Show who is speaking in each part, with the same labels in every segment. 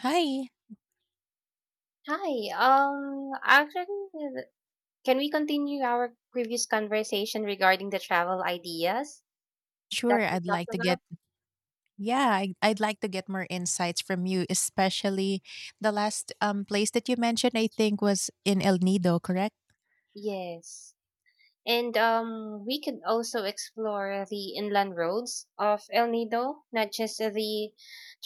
Speaker 1: Hi.
Speaker 2: Hi. Can we continue our previous conversation regarding the travel ideas that
Speaker 1: Sure,
Speaker 2: we
Speaker 1: I'd
Speaker 2: talked
Speaker 1: like to
Speaker 2: about?
Speaker 1: get yeah, I, I'd like to get more insights from you, especially the last place that you mentioned I think was in El Nido, correct?
Speaker 2: Yes. And we could also explore the inland roads of El Nido, not just the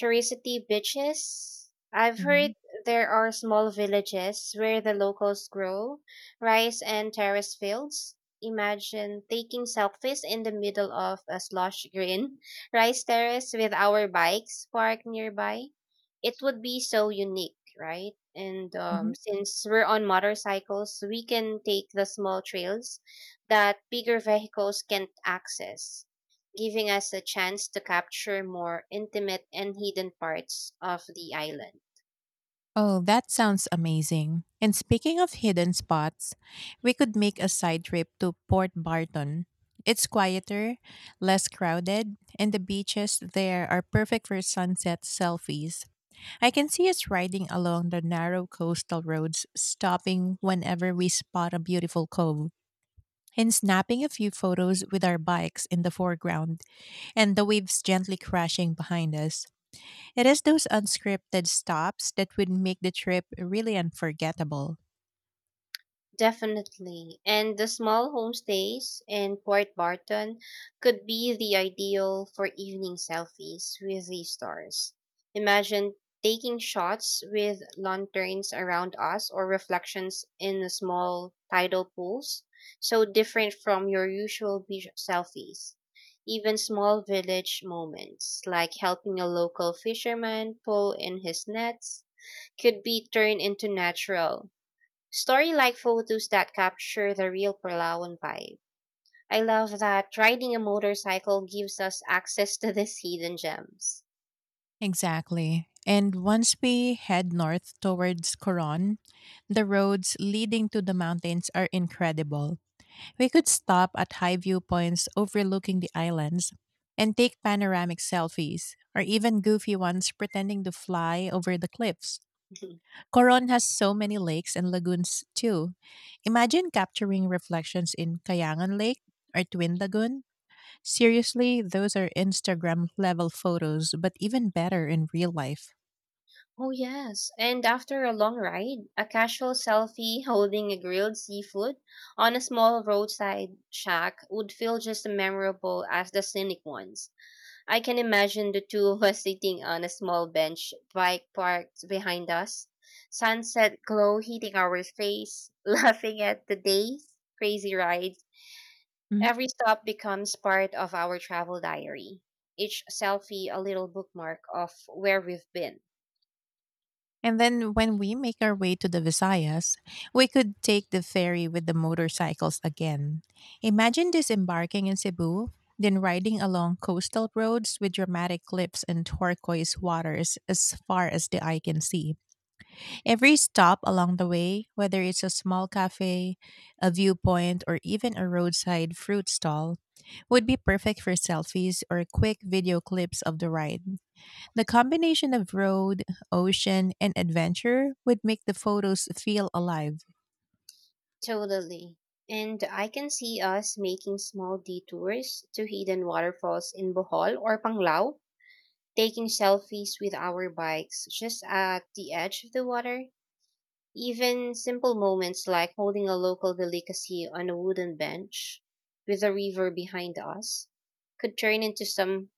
Speaker 2: touristy beaches. I've
Speaker 1: Mm-hmm.
Speaker 2: heard there are small villages where the locals grow rice and terrace fields. Imagine taking selfies in the middle of a slush green rice terrace with our bikes parked nearby. It would be so unique, right? And
Speaker 1: Mm-hmm.
Speaker 2: since we're on motorcycles, we can take the small trails that bigger vehicles can't access, giving us a chance to capture more intimate and hidden parts of the island.
Speaker 1: Oh, that sounds amazing. And speaking of hidden spots, we could make a side trip to Port Barton. It's quieter, less crowded, and the beaches there are perfect for sunset selfies. I can see us riding along the narrow coastal roads, stopping whenever we spot a beautiful cove, and snapping a few photos with our bikes in the foreground and the waves gently crashing behind us. It is those unscripted stops that would make the trip really unforgettable.
Speaker 2: Definitely. And the small homestays in Port Barton could be the ideal for evening selfies with the stars. Imagine taking shots with lanterns around us or reflections in the small tidal pools, so different from your usual beach selfies. Even small village moments, like helping a local fisherman pull in his nets, could be turned into natural story like photos that capture the real Palawan vibe. I love that riding a motorcycle gives us access to these hidden gems.
Speaker 1: Exactly. And once we head north towards Coron, the roads leading to the mountains are incredible. We could stop at high viewpoints overlooking the islands and take panoramic selfies, or even goofy ones pretending to fly over the cliffs. Coron has so many lakes and lagoons too. Imagine capturing reflections in Kayangan Lake or Twin Lagoon. Seriously, those are Instagram level photos, but even better in real life.
Speaker 2: Oh, yes. And after a long ride, a casual selfie holding a grilled seafood on a small roadside shack would feel just as memorable as the scenic ones. I can imagine the two of us sitting on a small bench, bike parked behind us, sunset glow hitting our face, laughing at the day's crazy rides.
Speaker 1: Hmm.
Speaker 2: Every stop becomes part of our travel diary, each selfie a little bookmark of where we've been.
Speaker 1: And then when we make our way to the Visayas, we could take the ferry with the motorcycles again. Imagine disembarking in Cebu, then riding along coastal roads with dramatic cliffs and turquoise waters as far as the eye can see. Every stop along the way, whether it's a small cafe, a viewpoint, or even a roadside fruit stall, would be perfect for selfies or quick video clips of the ride. The combination of road, ocean, and adventure would make the photos feel alive.
Speaker 2: Totally. And I can see us making small detours to hidden waterfalls in Bohol or Panglao, taking selfies with our bikes just at the edge of the water. Even simple moments like holding a local delicacy on a wooden bench with a river behind us could turn into some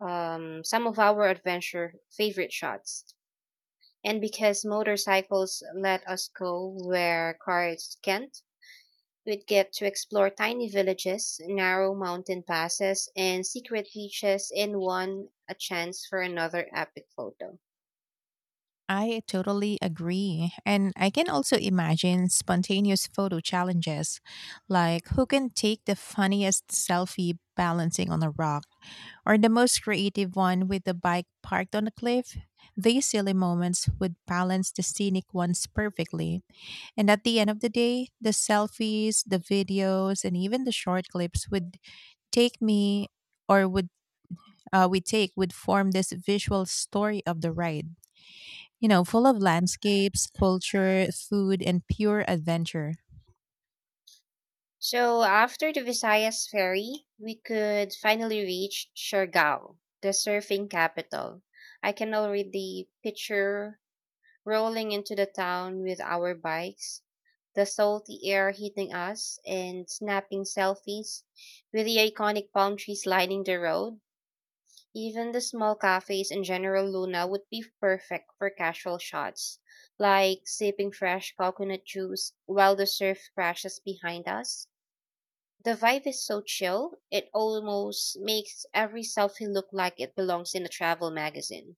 Speaker 2: um, some of our adventure favorite shots. And because motorcycles let us go where cars can't, we'd get to explore tiny villages, narrow mountain passes, and secret beaches in one a chance for another epic photo.
Speaker 1: I totally agree. And I can also imagine spontaneous photo challenges, like who can take the funniest selfie balancing on a rock, or the most creative one with the bike parked on a cliff. These silly moments would balance the scenic ones perfectly. And at the end of the day, the selfies, the videos, and even the short clips would take me or would we take would form this visual story of the ride, full of landscapes, culture, food, and pure adventure.
Speaker 2: So after the Visayas ferry, we could finally reach Siargao, the surfing capital. I can already picture rolling into the town with our bikes, the salty air hitting us, and snapping selfies with the iconic palm trees lining the road. Even the small cafes in General Luna would be perfect for casual shots, like sipping fresh coconut juice while the surf crashes behind us. The vibe is so chill, it almost makes every selfie look like it belongs in a travel magazine.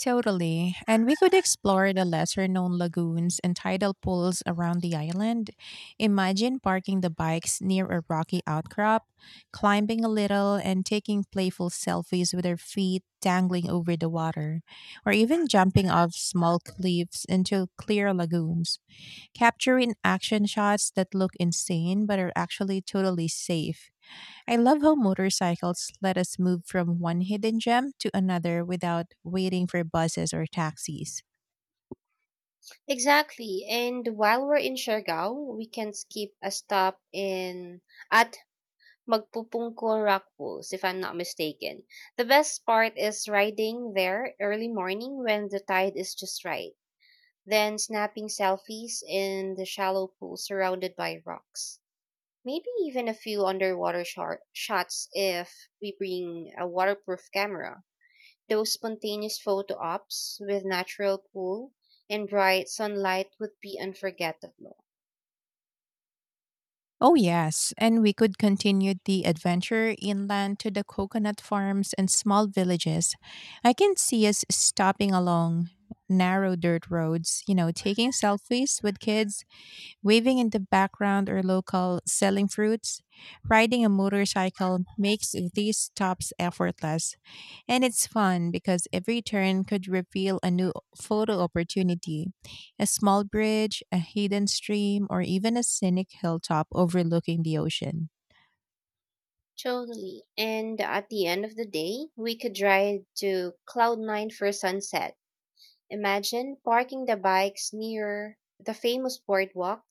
Speaker 1: Totally. And we could explore the lesser known lagoons and tidal pools around the island. Imagine parking the bikes near a rocky outcrop, climbing a little, and taking playful selfies with our feet dangling over the water, or even jumping off small cliffs into clear lagoons. Capturing action shots that look insane but are actually totally safe. I love how motorcycles let us move from one hidden gem to another without waiting for buses or taxis.
Speaker 2: Exactly. And while we're in Siargao, we can skip a stop in at Magpupungko Rock Pools, if I'm not mistaken. The best part is riding there early morning when the tide is just right, then snapping selfies in the shallow pool surrounded by rocks. Maybe even a few underwater shar shots if we bring a waterproof camera. Those spontaneous photo ops with natural pool and bright sunlight would be unforgettable.
Speaker 1: Oh, yes, and we could continue the adventure inland to the coconut farms and small villages. I can see us stopping along narrow dirt roads, you know, taking selfies with kids waving in the background or local selling fruits. Riding a motorcycle makes these stops effortless, and it's fun because every turn could reveal a new photo opportunity, a small bridge, a hidden stream, or even a scenic hilltop overlooking the ocean.
Speaker 2: Totally. And at the end of the day, we could drive to Cloud Nine for sunset. Imagine parking the bikes near the famous boardwalk,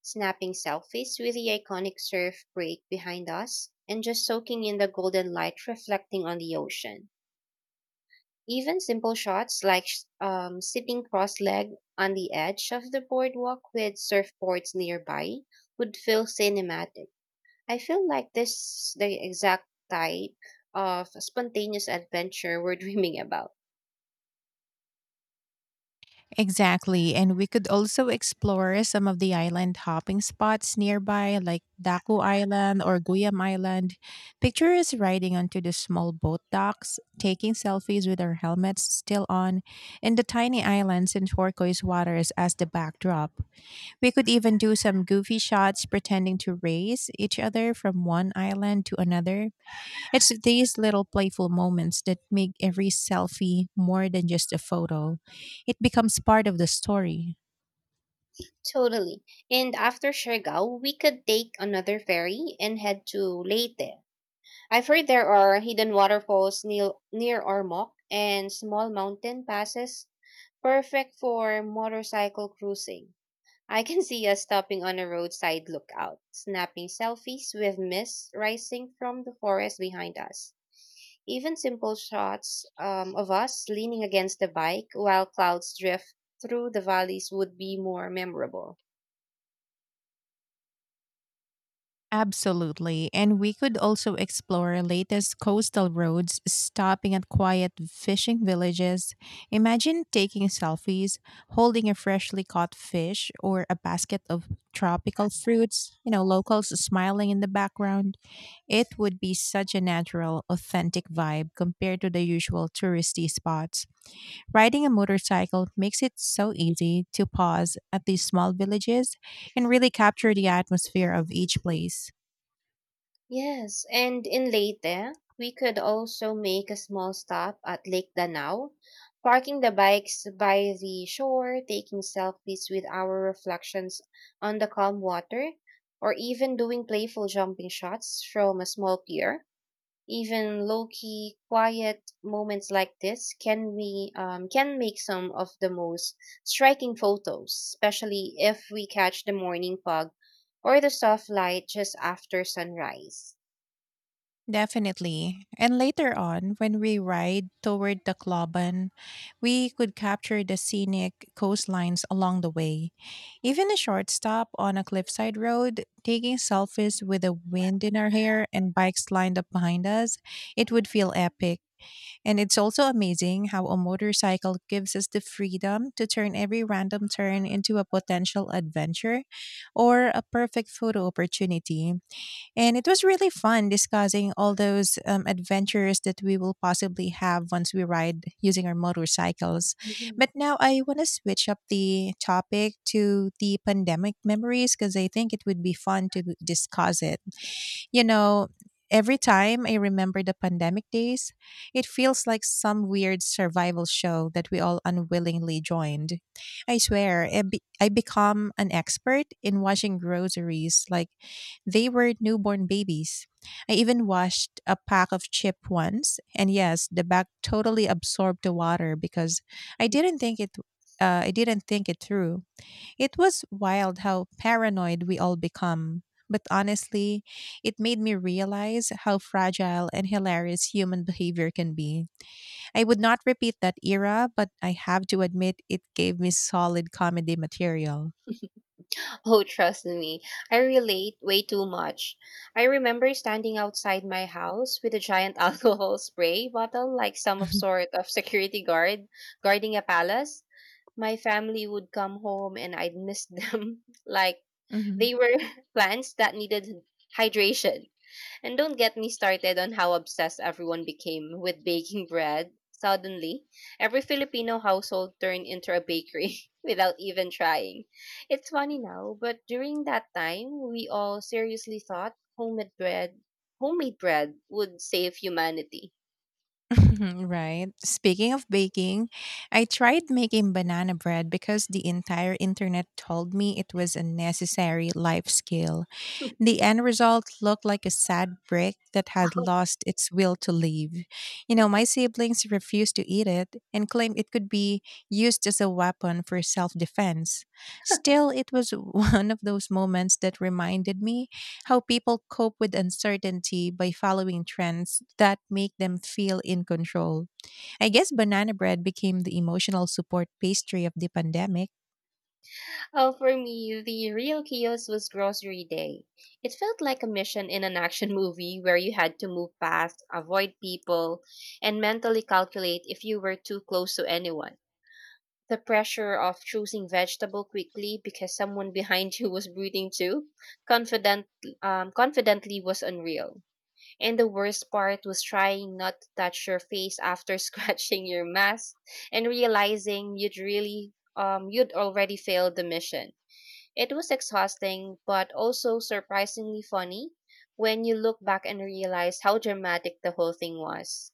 Speaker 2: snapping selfies with the iconic surf break behind us, and just soaking in the golden light reflecting on the ocean. Even simple shots like sitting cross legged on the edge of the boardwalk with surfboards nearby would feel cinematic. I feel like this is the exact type of spontaneous adventure we're dreaming about.
Speaker 1: Exactly. And we could also explore some of the island hopping spots nearby, like Daku Island or Guyam Island. Picture us riding onto the small boat docks, taking selfies with our helmets still on, and the tiny islands and turquoise waters as the backdrop. We could even do some goofy shots pretending to race each other from one island to another. It's these little playful moments that make every selfie more than just a photo. It becomes part of the story.
Speaker 2: Totally. And after Siargao, we could take another ferry and head to Leyte. I've heard there are hidden waterfalls near Ormoc and small mountain passes perfect for motorcycle cruising. I can see us stopping on a roadside lookout, snapping selfies with mist rising from the forest behind us. Even simple shots of us leaning against the bike while clouds drift through the valleys would be more memorable.
Speaker 1: Absolutely. And we could also explore latest coastal roads, stopping at quiet fishing villages. Imagine taking selfies, holding a freshly caught fish or a basket of tropical fruits, you know, locals smiling in the background. It would be such a natural, authentic vibe compared to the usual touristy spots. Riding a motorcycle makes it so easy to pause at these small villages and really capture the atmosphere of each place.
Speaker 2: Yes, and in Leyte, we could also make a small stop at Lake Danau, parking the bikes by the shore, taking selfies with our reflections on the calm water, or even doing playful jumping shots from a small pier. Even low-key, quiet moments like this can make some of the most striking photos, especially if we catch the morning fog or the soft light just after sunrise.
Speaker 1: Definitely. And later on, when we ride toward the Kloban, we could capture the scenic coastlines along the way. Even a short stop on a cliffside road, taking selfies with the wind in our hair and bikes lined up behind us, it would feel epic. And it's also amazing how a motorcycle gives us the freedom to turn every random turn into a potential adventure or a perfect photo opportunity. And it was really fun discussing all those adventures that we will possibly have once we ride using our motorcycles.
Speaker 2: Mhm.
Speaker 1: But now I want to switch up the topic to the pandemic memories because I think it would be fun to discuss it. You know, every time I remember the pandemic days, it feels like some weird survival show that we all unwillingly joined. I swear, I become an expert in washing groceries like they were newborn babies. I even washed a pack of chip once, and yes, the bag totally absorbed the water because I didn't think it. I didn't think it through. It was wild how paranoid we all become. But honestly, it made me realize how fragile and hilarious human behavior can be. I would not repeat that era, but I have to admit it gave me solid comedy material.
Speaker 2: Oh, trust me, I relate way too much. I remember standing outside my house with a giant alcohol spray bottle, like some of
Speaker 1: Mhm.
Speaker 2: sort of security guard guarding a palace. My family would come home and I'd miss them, like
Speaker 1: Mhm.
Speaker 2: they were plants that needed hydration. And don't get me started on how obsessed everyone became with baking bread. Suddenly, every Filipino household turned into a bakery without even trying. It's funny now, but during that time, we all seriously thought homemade bread would save humanity.
Speaker 1: Right. Speaking of baking, I tried making banana bread because the entire internet told me it was a necessary life skill. The end result looked like a sad brick that had lost its will to live. You know, my siblings refused to eat it and claimed it could be used as a weapon for self defense. Still, it was one of those moments that reminded me how people cope with uncertainty by following trends that make them feel in control. I guess banana bread became the emotional support pastry of the pandemic.
Speaker 2: Oh, for me, the real chaos was grocery day. It felt like a mission in an action movie where you had to move fast, avoid people, and mentally calculate if you were too close to anyone. The pressure of choosing vegetable quickly because someone behind you was breathing confident, confidently was unreal. And the worst part was trying not to touch your face after scratching your mask and realizing you'd already failed the mission. It was exhausting, but also surprisingly funny when you look back and realize how dramatic the whole thing was.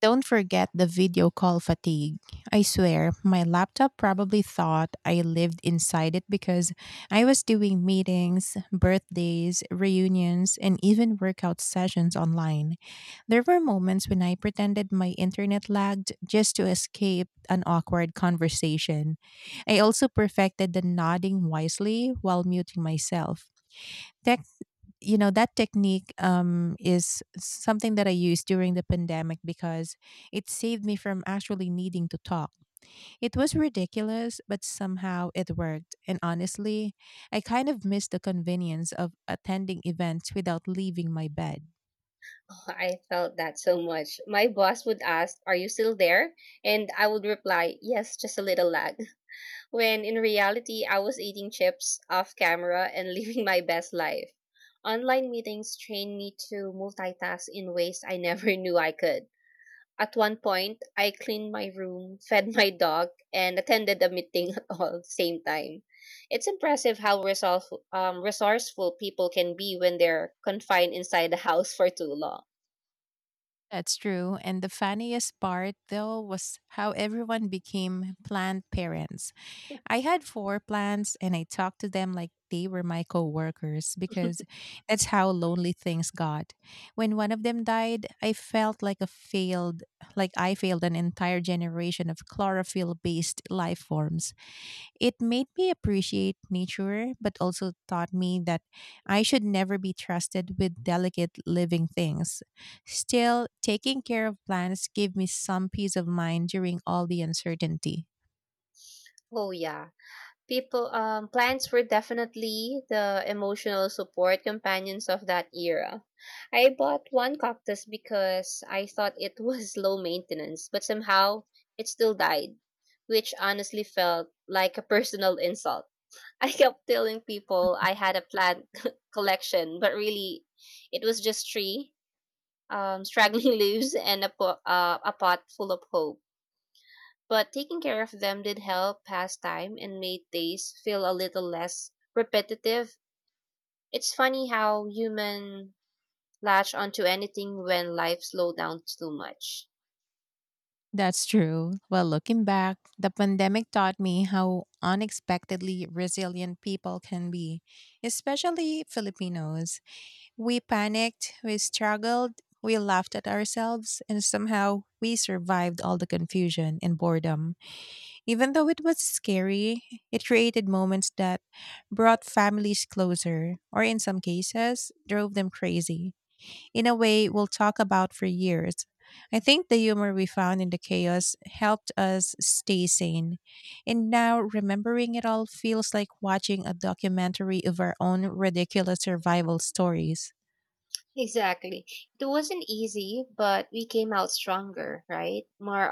Speaker 1: Don't forget the video call fatigue. I swear, my laptop probably thought I lived inside it because I was doing meetings, birthdays, reunions, and even workout sessions online. There were moments when I pretended my internet lagged just to escape an awkward conversation. I also perfected the nodding wisely while muting myself. Tech you know that technique is something that I used during the pandemic because it saved me from actually needing to talk. It was ridiculous, but somehow it worked, and honestly, I kind of missed the convenience of attending events without leaving my bed.
Speaker 2: Oh, I felt that so much. My boss would ask, "Are you still there?" And I would reply, "Yes, just a little lag." When in reality, I was eating chips off camera and living my best life. Online meetings trained me to multitask in ways I never knew I could. At one point, I cleaned my room, fed my dog, and attended a meeting at all the same time. It's impressive how resourceful people can be when they're confined inside the house for too long.
Speaker 1: That's true. And the funniest part, though, was how everyone became plant parents. I had 4 plants and I talked to them like they were my coworkers because that's how lonely things got. When one of them died, I felt like I failed an entire generation of chlorophyll based life forms. It made me appreciate nature, but also taught me that I should never be trusted with delicate living things. Still, taking care of plants gave me some peace of mind during all the uncertainty.
Speaker 2: Oh yeah. People Plants were definitely the emotional support companions of that era. I bought one cactus because I thought it was low maintenance, but somehow it still died, which honestly felt like a personal insult. I kept telling people I had a plant collection, but really, it was just tree, straggling leaves, and a pot full of hope. But taking care of them did help pass time and made days feel a little less repetitive. It's funny how human latch onto anything when life slowed down too much.
Speaker 1: That's true. Well, looking back, the pandemic taught me how unexpectedly resilient people can be, especially Filipinos. We panicked, we struggled, we laughed at ourselves, and somehow we survived all the confusion and boredom. Even though it was scary, it created moments that brought families closer, or in some cases, drove them crazy, in a way we'll talk about for years. I think the humor we found in the chaos helped us stay sane. And now remembering it all feels like watching a documentary of our own ridiculous survival stories.
Speaker 2: Exactly. It wasn't easy, but we came out stronger, right? More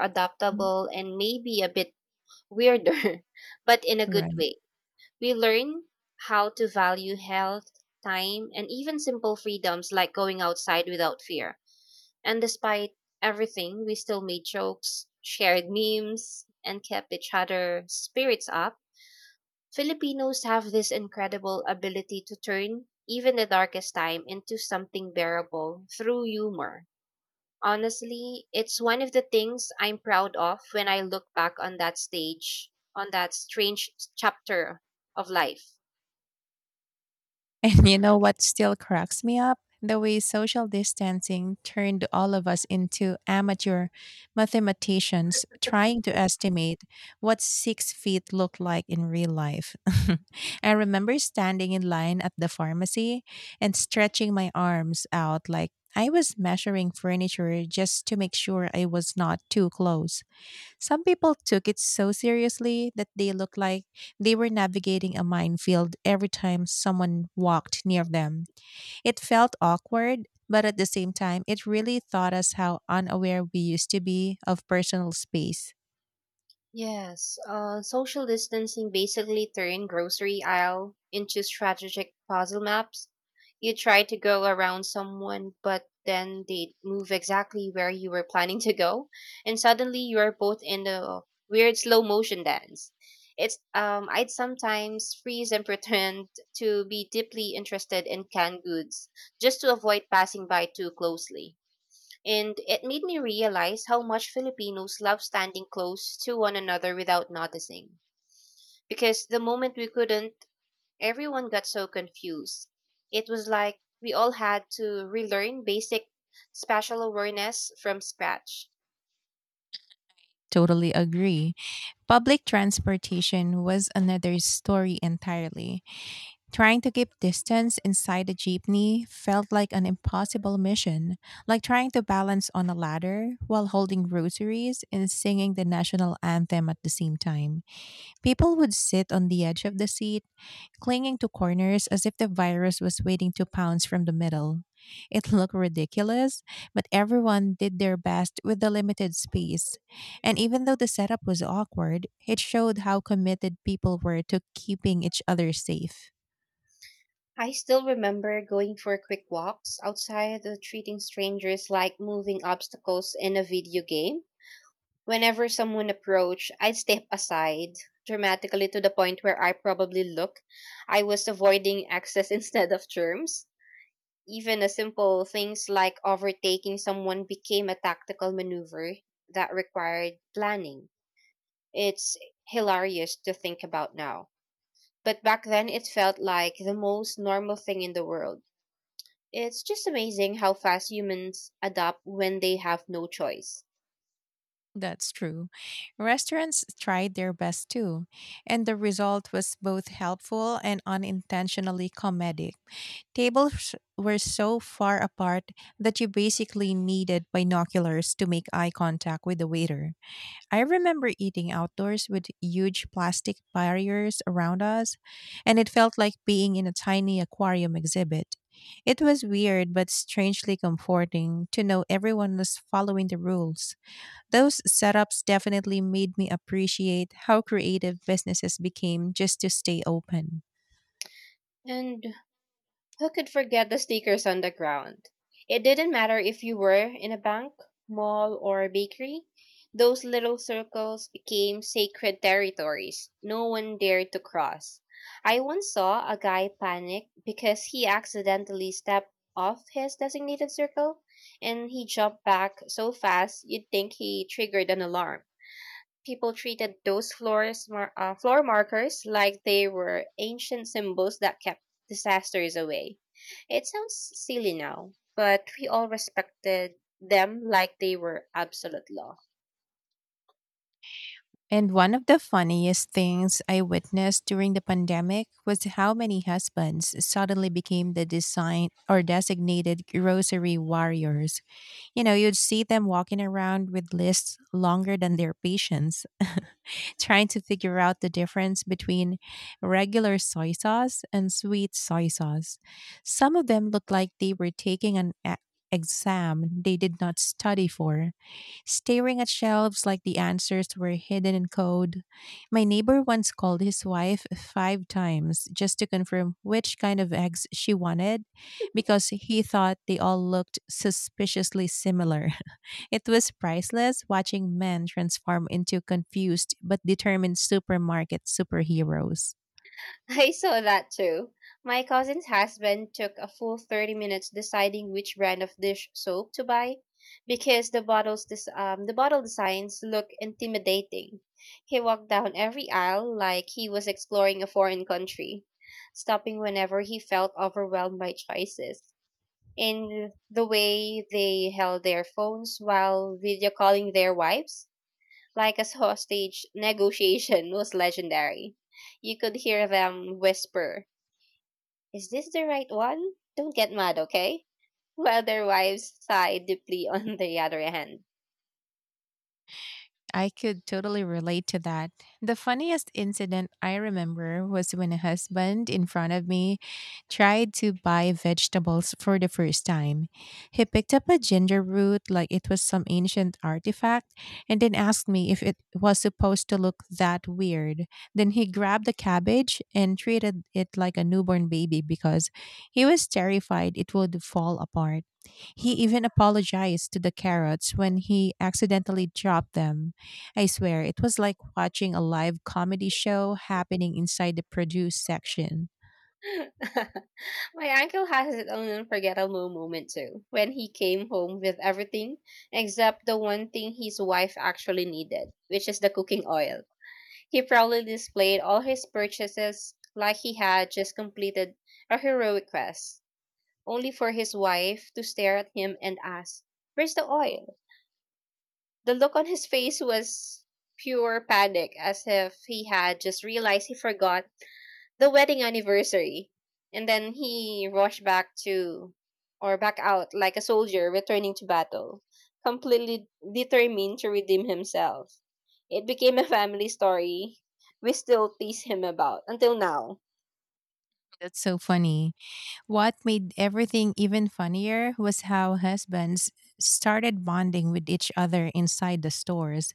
Speaker 1: Mhm.
Speaker 2: adaptable and maybe a bit weirder, but in a good
Speaker 1: Right.
Speaker 2: way. We learn how to value health, time, and even simple freedoms like going outside without fear. And despite everything, we still made jokes, shared memes, and kept each other spirits up. Filipinos have this incredible ability to turn even the darkest time into something bearable through humor. Honestly, it's one of the things I'm proud of when I look back on that stage, on that strange chapter of life.
Speaker 1: And you know what still cracks me up? The way social distancing turned all of us into amateur mathematicians trying to estimate what 6 feet looked like in real life. I remember standing in line at the pharmacy and stretching my arms out like I was measuring furniture just to make sure I was not too close. Some people took it so seriously that they looked like they were navigating a minefield every time someone walked near them. It felt awkward, but at the same time, it really taught us how unaware we used to be of personal space.
Speaker 2: Yes, social distancing basically turned grocery aisle into strategic puzzle maps. You try to go around someone, but then they move exactly where you were planning to go, and suddenly you are both in a weird slow motion dance. It's I'd sometimes freeze and pretend to be deeply interested in canned goods just to avoid passing by too closely. And it made me realize how much Filipinos love standing close to one another without noticing. Because the moment we couldn't, everyone got so confused. It was like we all had to relearn basic spatial awareness from scratch.
Speaker 1: Totally agree. Public transportation was another story entirely. Trying to keep distance inside the jeepney felt like an impossible mission, like trying to balance on a ladder while holding rosaries and singing the national anthem at the same time. People would sit on the edge of the seat, clinging to corners as if the virus was waiting to pounce from the middle. It looked ridiculous, but everyone did their best with the limited space. And even though the setup was awkward, it showed how committed people were to keeping each other safe.
Speaker 2: I still remember going for quick walks outside, treating strangers like moving obstacles in a video game. Whenever someone approached, I'd step aside dramatically to the point where I probably look. I was avoiding access instead of germs. Even a simple things like overtaking someone became a tactical maneuver that required planning. It's hilarious to think about now. But back then, it felt like the most normal thing in the world. It's just amazing how fast humans adapt when they have no choice.
Speaker 1: That's true. Restaurants tried their best too, and the result was both helpful and unintentionally comedic. Tables were so far apart that you basically needed binoculars to make eye contact with the waiter. I remember eating outdoors with huge plastic barriers around us, and it felt like being in a tiny aquarium exhibit. It was weird but strangely comforting to know everyone was following the rules. Those setups definitely made me appreciate how creative businesses became just to stay open.
Speaker 2: And who could forget the sneakers on the ground? It didn't matter if you were in a bank, mall, or bakery. Those little circles became sacred territories no one dared to cross. I once saw a guy panic because he accidentally stepped off his designated circle and he jumped back so fast you'd think he triggered an alarm. People treated those floor markers like they were ancient symbols that kept disasters away. It sounds silly now, but we all respected them like they were absolute law.
Speaker 1: And one of the funniest things I witnessed during the pandemic was how many husbands suddenly became the designated grocery warriors. You know, you'd see them walking around with lists longer than their patients, trying to figure out the difference between regular soy sauce and sweet soy sauce. Some of them looked like they were taking an exam they did not study for, staring at shelves like the answers were hidden in code. My neighbor once called his wife five times just to confirm which kind of eggs she wanted because he thought they all looked suspiciously similar. It was priceless watching men transform into confused but determined supermarket superheroes.
Speaker 2: I saw that too. My cousin's husband took a full 30 minutes deciding which brand of dish soap to buy because the the bottle designs look intimidating. He walked down every aisle like he was exploring a foreign country, stopping whenever he felt overwhelmed by choices. And the way they held their phones while video calling their wives like a hostage negotiation was legendary. You could hear them whisper, "Is this the right one? Don't get mad, okay?" while their wives sighed deeply on the other hand.
Speaker 1: I could totally relate to that. The funniest incident I remember was when a husband in front of me tried to buy vegetables for the first time. He picked up a ginger root like it was some ancient artifact and then asked me if it was supposed to look that weird. Then he grabbed the cabbage and treated it like a newborn baby because he was terrified it would fall apart. He even apologized to the carrots when he accidentally dropped them. I swear, it was like watching a live comedy show happening inside the produce section.
Speaker 2: My uncle has his own unforgettable moment too, when he came home with everything except the one thing his wife actually needed, which is the cooking oil. He proudly displayed all his purchases like he had just completed a heroic quest, only for his wife to stare at him and ask, "Where's the oil?" The look on his face was pure panic, as if he had just realized he forgot the wedding anniversary. And then he rushed back to or back out like a soldier returning to battle, completely determined to redeem himself. It became a family story we still tease him about until now.
Speaker 1: That's so funny. What made everything even funnier was how husbands started bonding with each other inside the stores.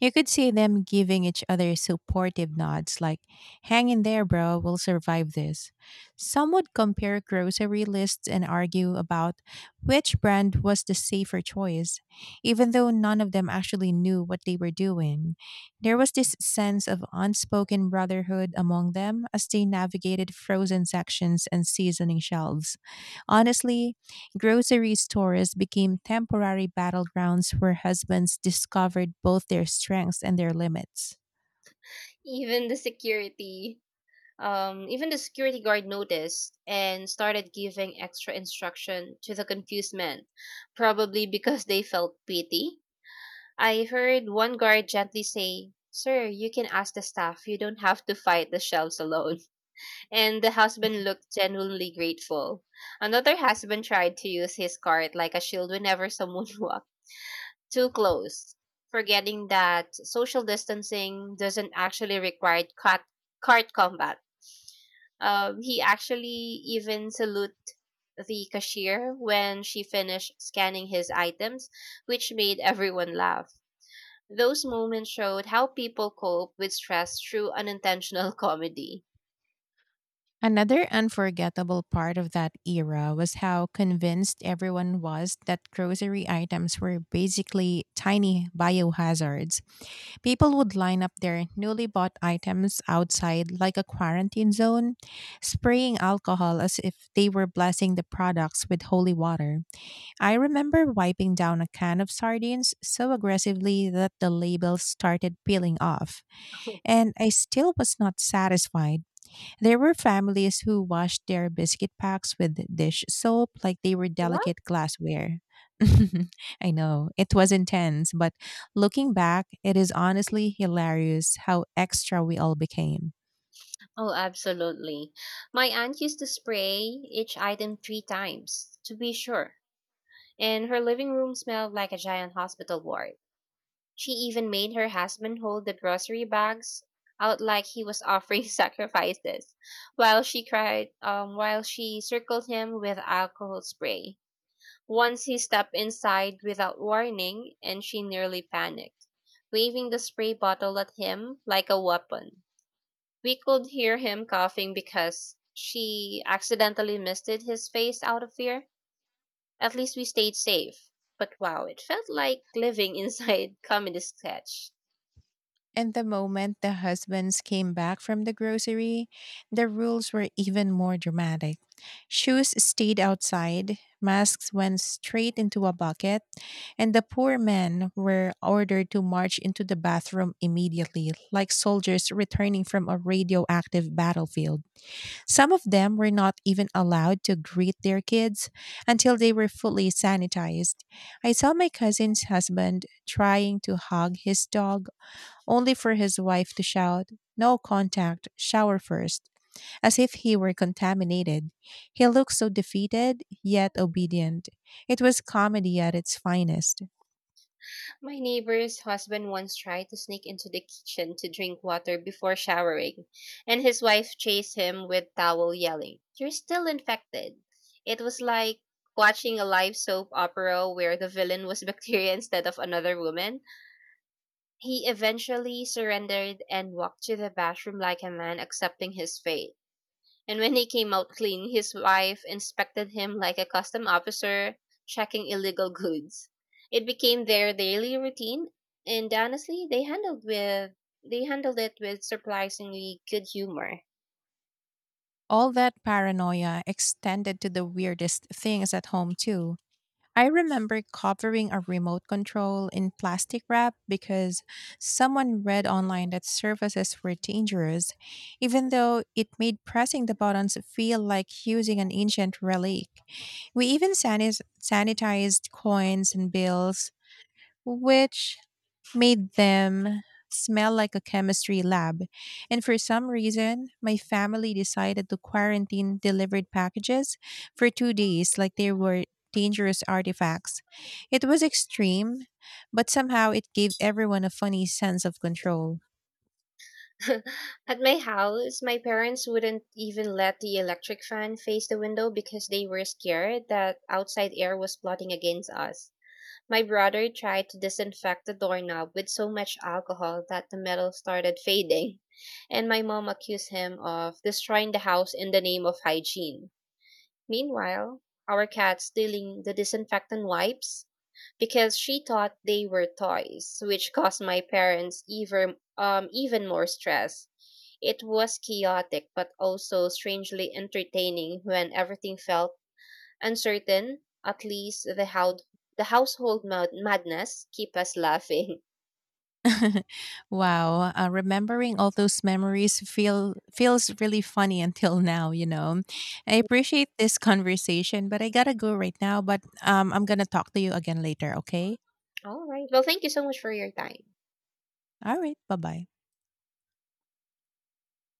Speaker 1: You could see them giving each other supportive nods like, "Hang in there, bro, we'll survive this." Some would compare grocery lists and argue about which brand was the safer choice, even though none of them actually knew what they were doing. There was this sense of unspoken brotherhood among them as they navigated frozen sections and seasoning shelves. Honestly, grocery stores became temporary battlegrounds where husbands discovered both their strengths and their limits.
Speaker 2: Even the security even the security guard noticed and started giving extra instruction to the confused men, probably because they felt pity. I heard one guard gently say, "Sir, you can ask the staff. You don't have to fight the shelves alone." And the husband looked genuinely grateful. Another husband tried to use his cart like a shield whenever someone walked too close, forgetting that social distancing doesn't actually require cart combat. He actually even saluted the cashier when she finished scanning his items, which made everyone laugh. Those moments showed how people cope with stress through unintentional comedy.
Speaker 1: Another unforgettable part of that era was how convinced everyone was that grocery items were basically tiny biohazards. People would line up their newly bought items outside like a quarantine zone, spraying alcohol as if they were blessing the products with holy water. I remember wiping down a can of sardines so aggressively that the label started peeling off, and I still was not satisfied. There were families who washed their biscuit packs with dish soap like they were
Speaker 2: What?
Speaker 1: delicate glassware. I know, it was intense, but looking back, it is honestly hilarious how extra we all became.
Speaker 2: Oh, absolutely. My aunt used to spray each item three times, to be sure, and her living room smelled like a giant hospital ward. She even made her husband hold the grocery bags out like he was offering sacrifices, while she circled him with alcohol spray. Once he stepped inside without warning, and she nearly panicked, waving the spray bottle at him like a weapon. We could hear him coughing because she accidentally misted his face out of fear. At least we stayed safe. But wow, it felt like living inside comedy sketch.
Speaker 1: And the moment the husbands came back from the grocery, the rules were even more dramatic. Shoes stayed outside, masks went straight into a bucket, and the poor men were ordered to march into the bathroom immediately, like soldiers returning from a radioactive battlefield. Some of them were not even allowed to greet their kids until they were fully sanitized. I saw my cousin's husband trying to hug his dog, only for his wife to shout, "No contact, shower first!" as if he were contaminated. He looked so defeated, yet obedient. It was comedy at its finest.
Speaker 2: My neighbor's husband once tried to sneak into the kitchen to drink water before showering, and his wife chased him with towel yelling, "You're still infected." It was like watching a live soap opera where the villain was bacteria instead of another woman. He eventually surrendered and walked to the bathroom like a man accepting his fate. And when he came out clean, his wife inspected him like a custom officer checking illegal goods. It became their daily routine, and honestly, they handled it with surprisingly good humor.
Speaker 1: All that paranoia extended to the weirdest things at home, too. I remember covering a remote control in plastic wrap because someone read online that surfaces were dangerous, even though it made pressing the buttons feel like using an ancient relic. We even sanitized coins and bills, which made them smell like a chemistry lab. And for some reason, my family decided to quarantine delivered packages for 2 days like they were dangerous artifacts. It was extreme, but somehow it gave everyone a funny sense of control.
Speaker 2: At my house, my parents wouldn't even let the electric fan face the window because they were scared that outside air was plotting against us. My brother tried to disinfect the doorknob with so much alcohol that the metal started fading, and my mom accused him of destroying the house in the name of hygiene. Meanwhile, our cat's stealing the disinfectant wipes because she thought they were toys, which caused my parents even more stress. It was chaotic but also strangely entertaining when everything felt uncertain. At least the household madness keep us laughing.
Speaker 1: Wow, remembering all those memories feels really funny until now, you know. I appreciate this conversation, but I gotta go right now. But I'm gonna talk to you again later, okay?
Speaker 2: All right. Well, thank you so much for your time.
Speaker 1: Alright, bye-bye.